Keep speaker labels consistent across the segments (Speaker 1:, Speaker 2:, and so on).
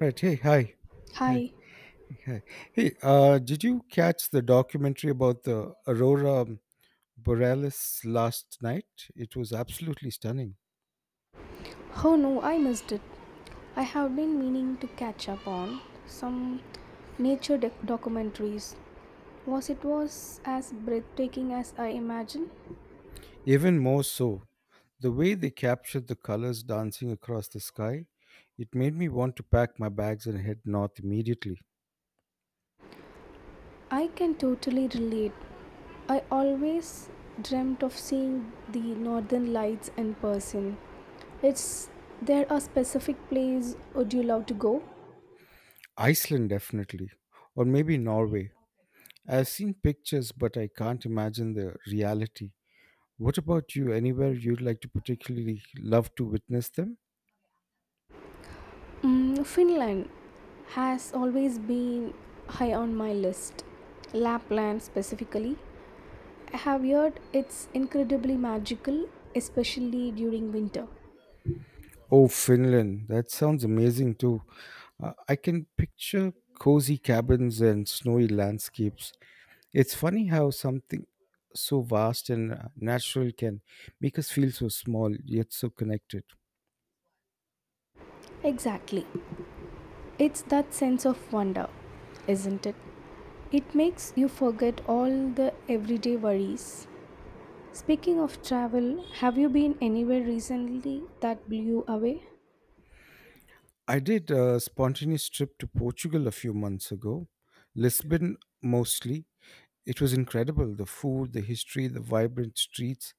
Speaker 1: Right. Hey, hi. Hi.
Speaker 2: Hi.
Speaker 1: Hi. Hey, did you catch the documentary about the Aurora Borealis last night? It was absolutely stunning.
Speaker 2: Oh no, I missed it. I have been meaning to catch up on some documentaries. Was it was as breathtaking as I imagined?
Speaker 1: Even more so, the way they captured the colors dancing across the sky, it made me want to pack my bags and head north immediately.
Speaker 2: I can totally relate. I always dreamt of seeing the northern lights in person. It's there a specific place would you love to go?
Speaker 1: Iceland, definitely. Or maybe Norway. I've seen pictures, but I can't imagine the reality. What about you? Anywhere you'd like to particularly love to witness them?
Speaker 2: Mm, Finland has always been high on my list. Lapland specifically. I have heard it's incredibly magical, especially during winter.
Speaker 1: Oh, Finland. That sounds amazing too. I can picture cozy cabins and snowy landscapes. It's funny how something so vast and natural can make us feel so small yet so connected.
Speaker 2: Exactly. It's that sense of wonder, isn't it? It makes you forget all the everyday worries. Speaking of travel, have you been anywhere recently that blew you away?
Speaker 1: I did a spontaneous trip to Portugal a few months ago, Lisbon mostly. It was incredible the food, the history, the vibrant streets.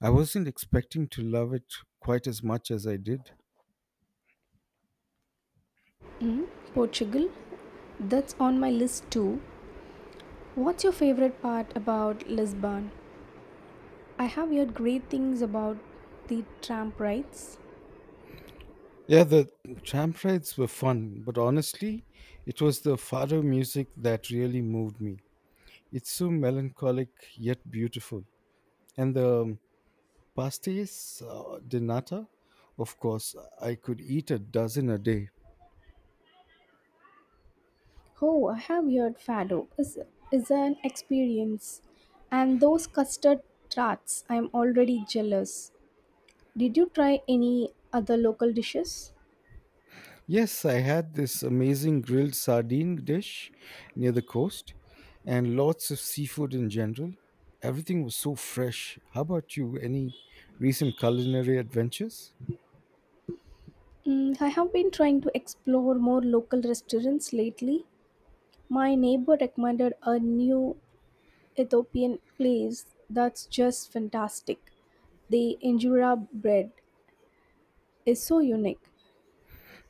Speaker 1: I wasn't expecting to love it quite as much as I did.
Speaker 2: Portugal? That's on my list too. What's your favorite part about Lisbon? I have heard great things about the tram rides.
Speaker 1: Yeah, the tram rides were fun, but honestly, it was the fado music that really moved me. It's so melancholic yet beautiful. And the pastéis de nata, of course, I could eat a dozen a day.
Speaker 2: Oh, I have heard fado is an experience, and those custard tarts. I'm already jealous. Did you try any other local dishes?
Speaker 1: Yes, I had this amazing grilled sardine dish near the coast and lots of seafood in general. Everything was so fresh. How about you? Any recent culinary adventures?
Speaker 2: Mm, I have been trying to explore more local restaurants lately. My neighbor recommended a new Ethiopian place that's just fantastic. The injera bread is so unique.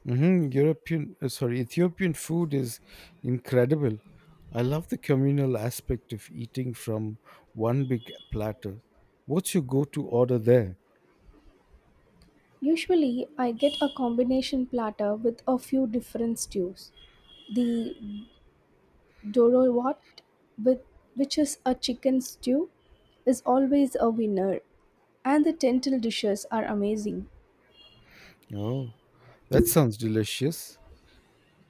Speaker 1: Hmm, European, sorry, Ethiopian food is incredible. I love the communal aspect of eating from one big platter. What's your go-to order there?
Speaker 2: Usually, I get a combination platter with a few different stews. The dorowat, with, which is a chicken stew, is always a winner. And the lentil dishes are amazing.
Speaker 1: Oh, that sounds delicious.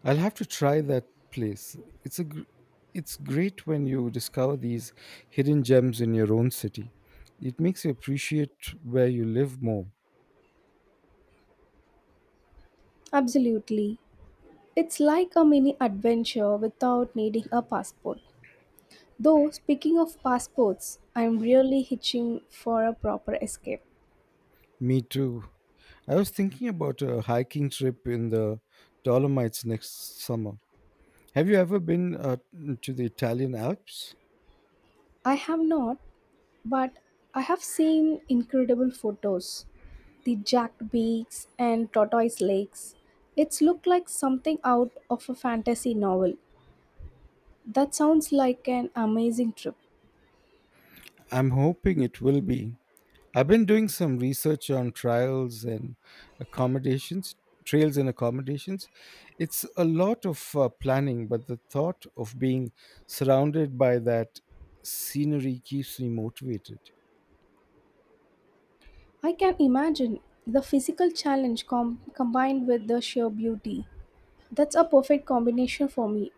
Speaker 1: I'll have to try that place. It's a, gr- it's great when you discover these hidden gems in your own city. It makes you appreciate where you live more.
Speaker 2: Absolutely. It's like a mini adventure without needing a passport. Though, speaking of passports, I'm really hitching for a proper escape.
Speaker 1: Me too. I was thinking about a hiking trip in the Dolomites next summer. Have you ever been to the Italian Alps?
Speaker 2: I have not, but I have seen incredible photos. The jagged beaks and tortoise lakes. It's looked like something out of a fantasy novel. That sounds like an amazing trip.
Speaker 1: I'm hoping it will be. I've been doing some research on accommodations, trails and accommodations. It's a lot of planning, but the thought of being surrounded by that scenery keeps me motivated.
Speaker 2: I can imagine the physical combined with the sheer beauty. That's a perfect combination for me.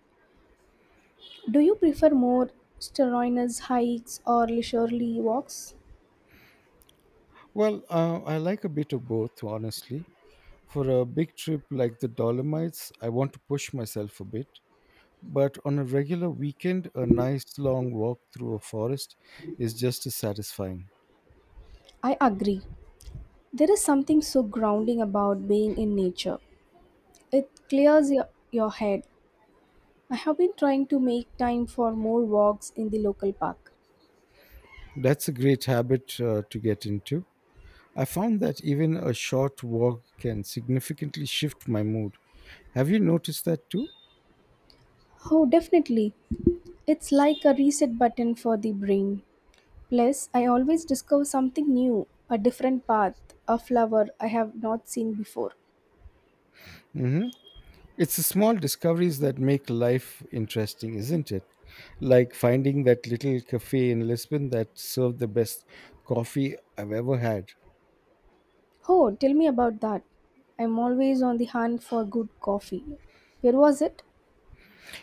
Speaker 2: Do you prefer more strenuous hikes or leisurely walks?
Speaker 1: Well, I like a bit of both, honestly. For a big trip like the Dolomites, I want to push myself a bit, but on a regular weekend, a nice long walk through a forest is just as satisfying.
Speaker 2: I agree. There is something so grounding about being in nature. It clears your head. I have been trying to make time for more walks in the local park.
Speaker 1: That's a great habit to get into. I found that even a short walk can significantly shift my mood. Have you noticed that too?
Speaker 2: Oh, definitely. It's like a reset button for the brain. Plus, I always discover something new, a different path, a flower I have not seen before.
Speaker 1: Hmm. It's the small discoveries that make life interesting, isn't it? Like finding that little cafe in Lisbon that served the best coffee I've ever had.
Speaker 2: Oh, tell me about that. I'm always on the hunt for good coffee. Where was it?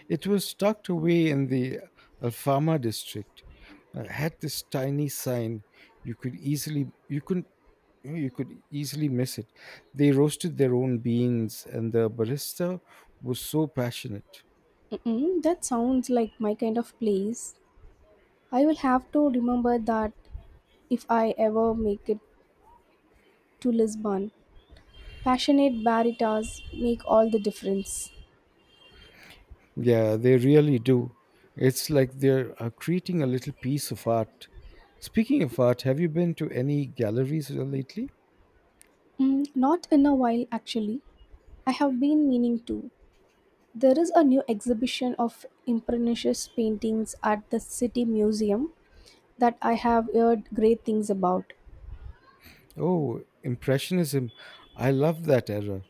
Speaker 1: It was tucked away in the Alfama district. Had this tiny sign. You could easily you couldn't You could easily miss it. They roasted their own beans, and the barista was so passionate.
Speaker 2: Mm-mm, that sounds like my kind of place. I will have to remember that if I ever make it to Lisbon. Passionate baritas make all the difference.
Speaker 1: Yeah, they really do. It's like they're creating a little piece of art. Speaking of art, have you been to any galleries lately?
Speaker 2: Mm, not in a while, actually. I have been meaning to. There is a new exhibition of Impressionist paintings at the City Museum that I have heard great things about.
Speaker 1: Oh, Impressionism. I love that era.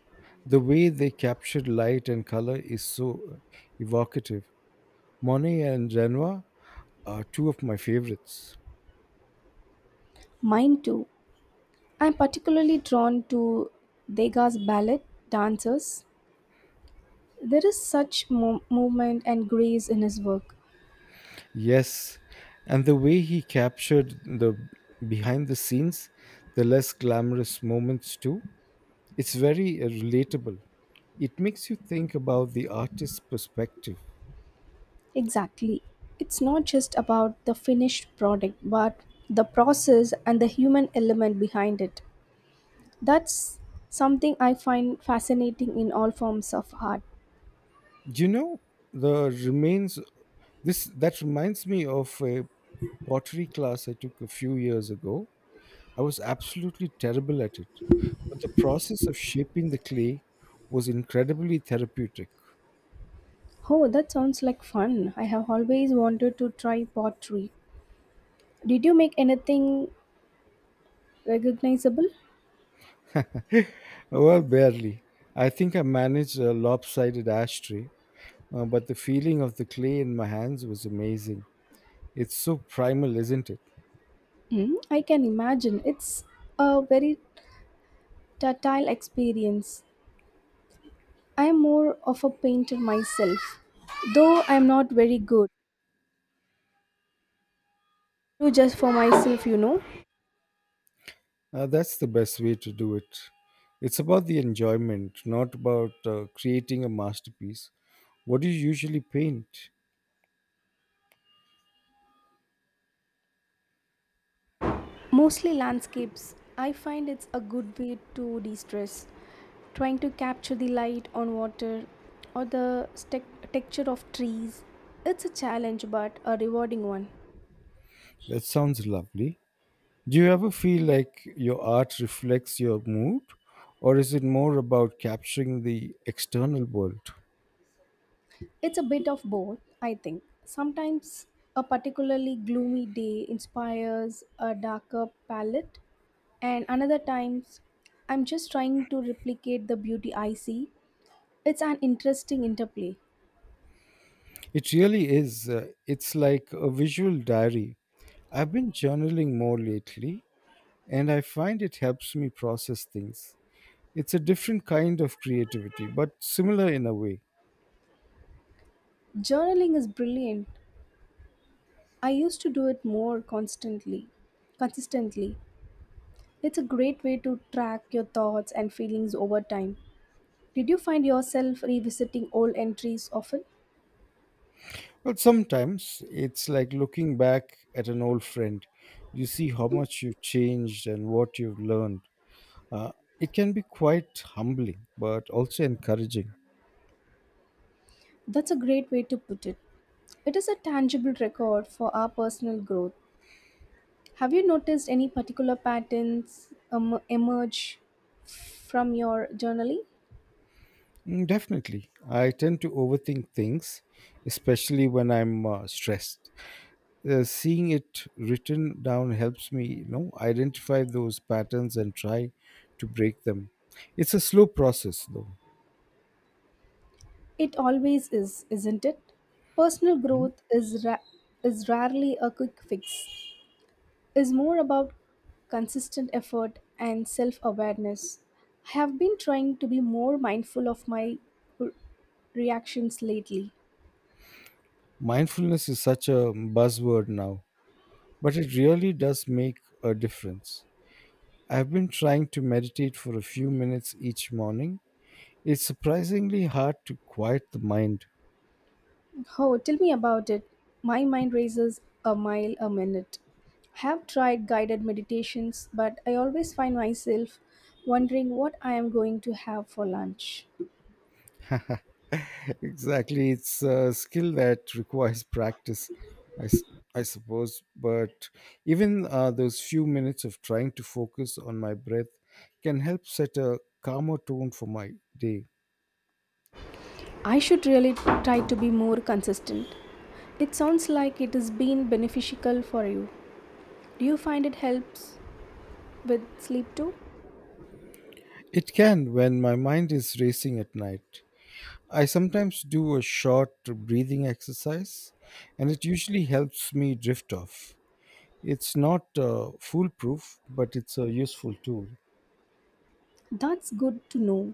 Speaker 1: The way they captured light and color is so evocative. Monet and Renoir are two of my favorites.
Speaker 2: Mine too. I'm particularly drawn to Degas' ballet dancers. There is such movement and grace in his work.
Speaker 1: Yes, and the way he captured the behind the scenes, the less glamorous moments too, it's very relatable. It makes you think about the artist's perspective.
Speaker 2: Exactly. It's not just about the finished product, but the process and the human element behind it. That's something I find fascinating in all forms of art.
Speaker 1: You know, the remains this that reminds me of a pottery class I took a few years ago. I was absolutely terrible at it, but the process of shaping the clay was incredibly therapeutic.
Speaker 2: Oh, that sounds like fun. I have always wanted to try pottery. Did you make anything recognizable?
Speaker 1: Well, barely. I think I managed a lopsided ashtray, but the feeling of the clay in my hands was amazing. It's so primal, isn't it?
Speaker 2: Mm, I can imagine. It's a very tactile experience. I am more of a painter myself, though I am not very good. Do just for myself, you know.
Speaker 1: That's the best way to do it. It's about the enjoyment, not about creating a masterpiece. What do you usually paint?
Speaker 2: Mostly landscapes. I find it's a good way to de stress. Trying to capture the light on water or the texture of trees. It's a challenge, but a rewarding one.
Speaker 1: That sounds lovely. Do you ever feel like your art reflects your mood, or is it more about capturing the external world?
Speaker 2: It's a bit of both, I think. Sometimes a particularly gloomy day inspires a darker palette, and another times I'm just trying to replicate the beauty I see. It's an interesting interplay.
Speaker 1: It really is. It's like a visual diary. I've been journaling more lately, and I find it helps me process things. It's a different kind of creativity, but similar in a way.
Speaker 2: Journaling is brilliant. I used to do it consistently. It's a great way to track your thoughts and feelings over time. Did you find yourself revisiting old entries often?
Speaker 1: Well, sometimes it's like looking back at an old friend. You see how much you've changed and what you've learned. Uh, it can be quite humbling, but also encouraging.
Speaker 2: That's a great way to put it. It is a tangible record for our personal growth. Have you noticed any particular patterns emerge from your journaling?
Speaker 1: Mm, definitely. I tend to overthink things, especially when I'm stressed. Seeing it written down helps me, you know, identify those patterns and try to break them. It's a slow process, though.
Speaker 2: It always is, isn't it? Personal growth is rarely a quick fix. Is more about consistent effort and self-awareness. I have been trying to be more mindful of my r- reactions lately.
Speaker 1: Mindfulness is such a buzzword now, but it really does make a difference. I've been trying to meditate for a few minutes each morning. It's surprisingly hard to quiet the mind.
Speaker 2: Oh, tell me about it. My mind races a mile a minute. I have tried guided meditations, but I always find myself wondering what I am going to have for lunch.
Speaker 1: Exactly, it's a skill that requires practice, I, s- I suppose. But even those few minutes of trying to focus on my breath can help set a calmer tone for my day.
Speaker 2: I should really try to be more consistent. It sounds like it has been beneficial for you. Do you find it helps with sleep too?
Speaker 1: It can when my mind is racing at night. I sometimes do a short breathing exercise, and it usually helps me drift off. It's not foolproof, but it's a useful tool.
Speaker 2: That's good to know.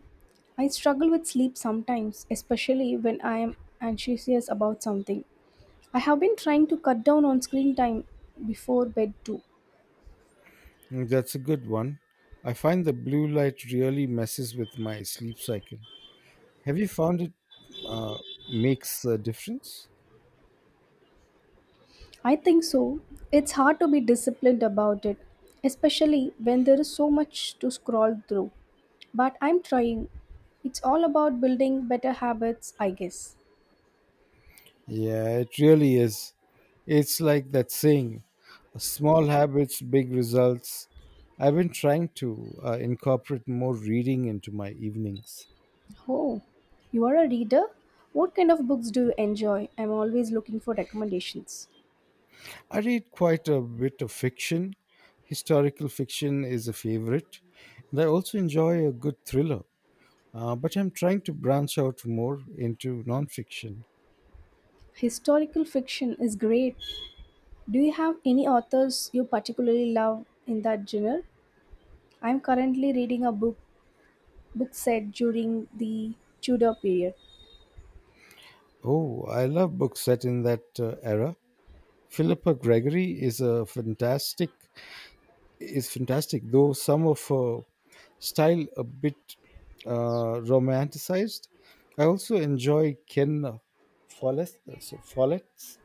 Speaker 2: I struggle with sleep sometimes, especially when I am anxious about something. I have been trying to cut down on screen time before bed too.
Speaker 1: Mm, that's a good one. I find the blue light really messes with my sleep cycle. Have you found it uh, makes a difference?
Speaker 2: I think so. It's hard to be disciplined about it, especially when there is so much to scroll through. But I'm trying. It's all about building better habits, I guess.
Speaker 1: Yeah, it really is. It's like that saying, small habits, big results. I've been trying to incorporate more reading into my evenings.
Speaker 2: Oh, you are a reader? What kind of books do you enjoy? I'm always looking for recommendations.
Speaker 1: I read quite a bit of fiction. Historical fiction is a favorite, and I also enjoy a good thriller. But I'm trying to branch out more into nonfiction.
Speaker 2: Historical fiction is great. Do you have any authors you particularly love in that genre? I'm currently reading a book set during the Tudor period.
Speaker 1: Oh, I love books set in that era. Philippa Gregory is a fantastic is fantastic, though some of her style a bit romanticized. I also enjoy Ken Follett's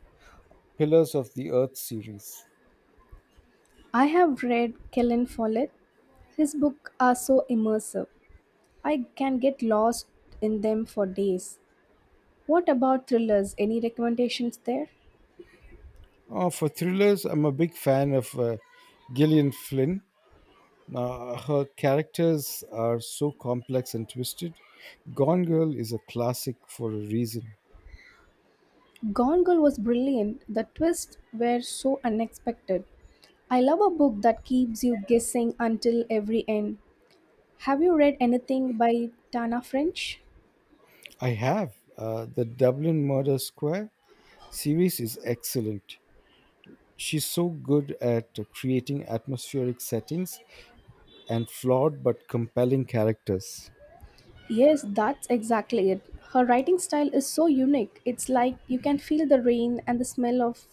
Speaker 1: Pillars of the Earth series.
Speaker 2: I have read Kellen Follett. His books are so immersive. I can get lost in them for days. What about thrillers? Any recommendations there?
Speaker 1: For thrillers, I'm a big fan of Gillian Flynn. Her characters are so complex and twisted. Gone Girl is a classic for a reason.
Speaker 2: Gone Girl was brilliant. The twists were so unexpected. I love a book that keeps you guessing until every end. Have you read anything by Tana French?
Speaker 1: I have. The Dublin Murder Square series is excellent. She's so good at creating atmospheric settings and flawed but compelling characters.
Speaker 2: Yes, that's exactly it. Her writing style is so unique. It's like you can feel the rain and the smell of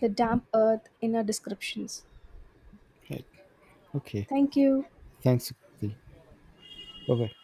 Speaker 2: the damp earth in her descriptions.
Speaker 1: Right. Okay.
Speaker 2: Thank you.
Speaker 1: Thanks. Kruti. Bye bye.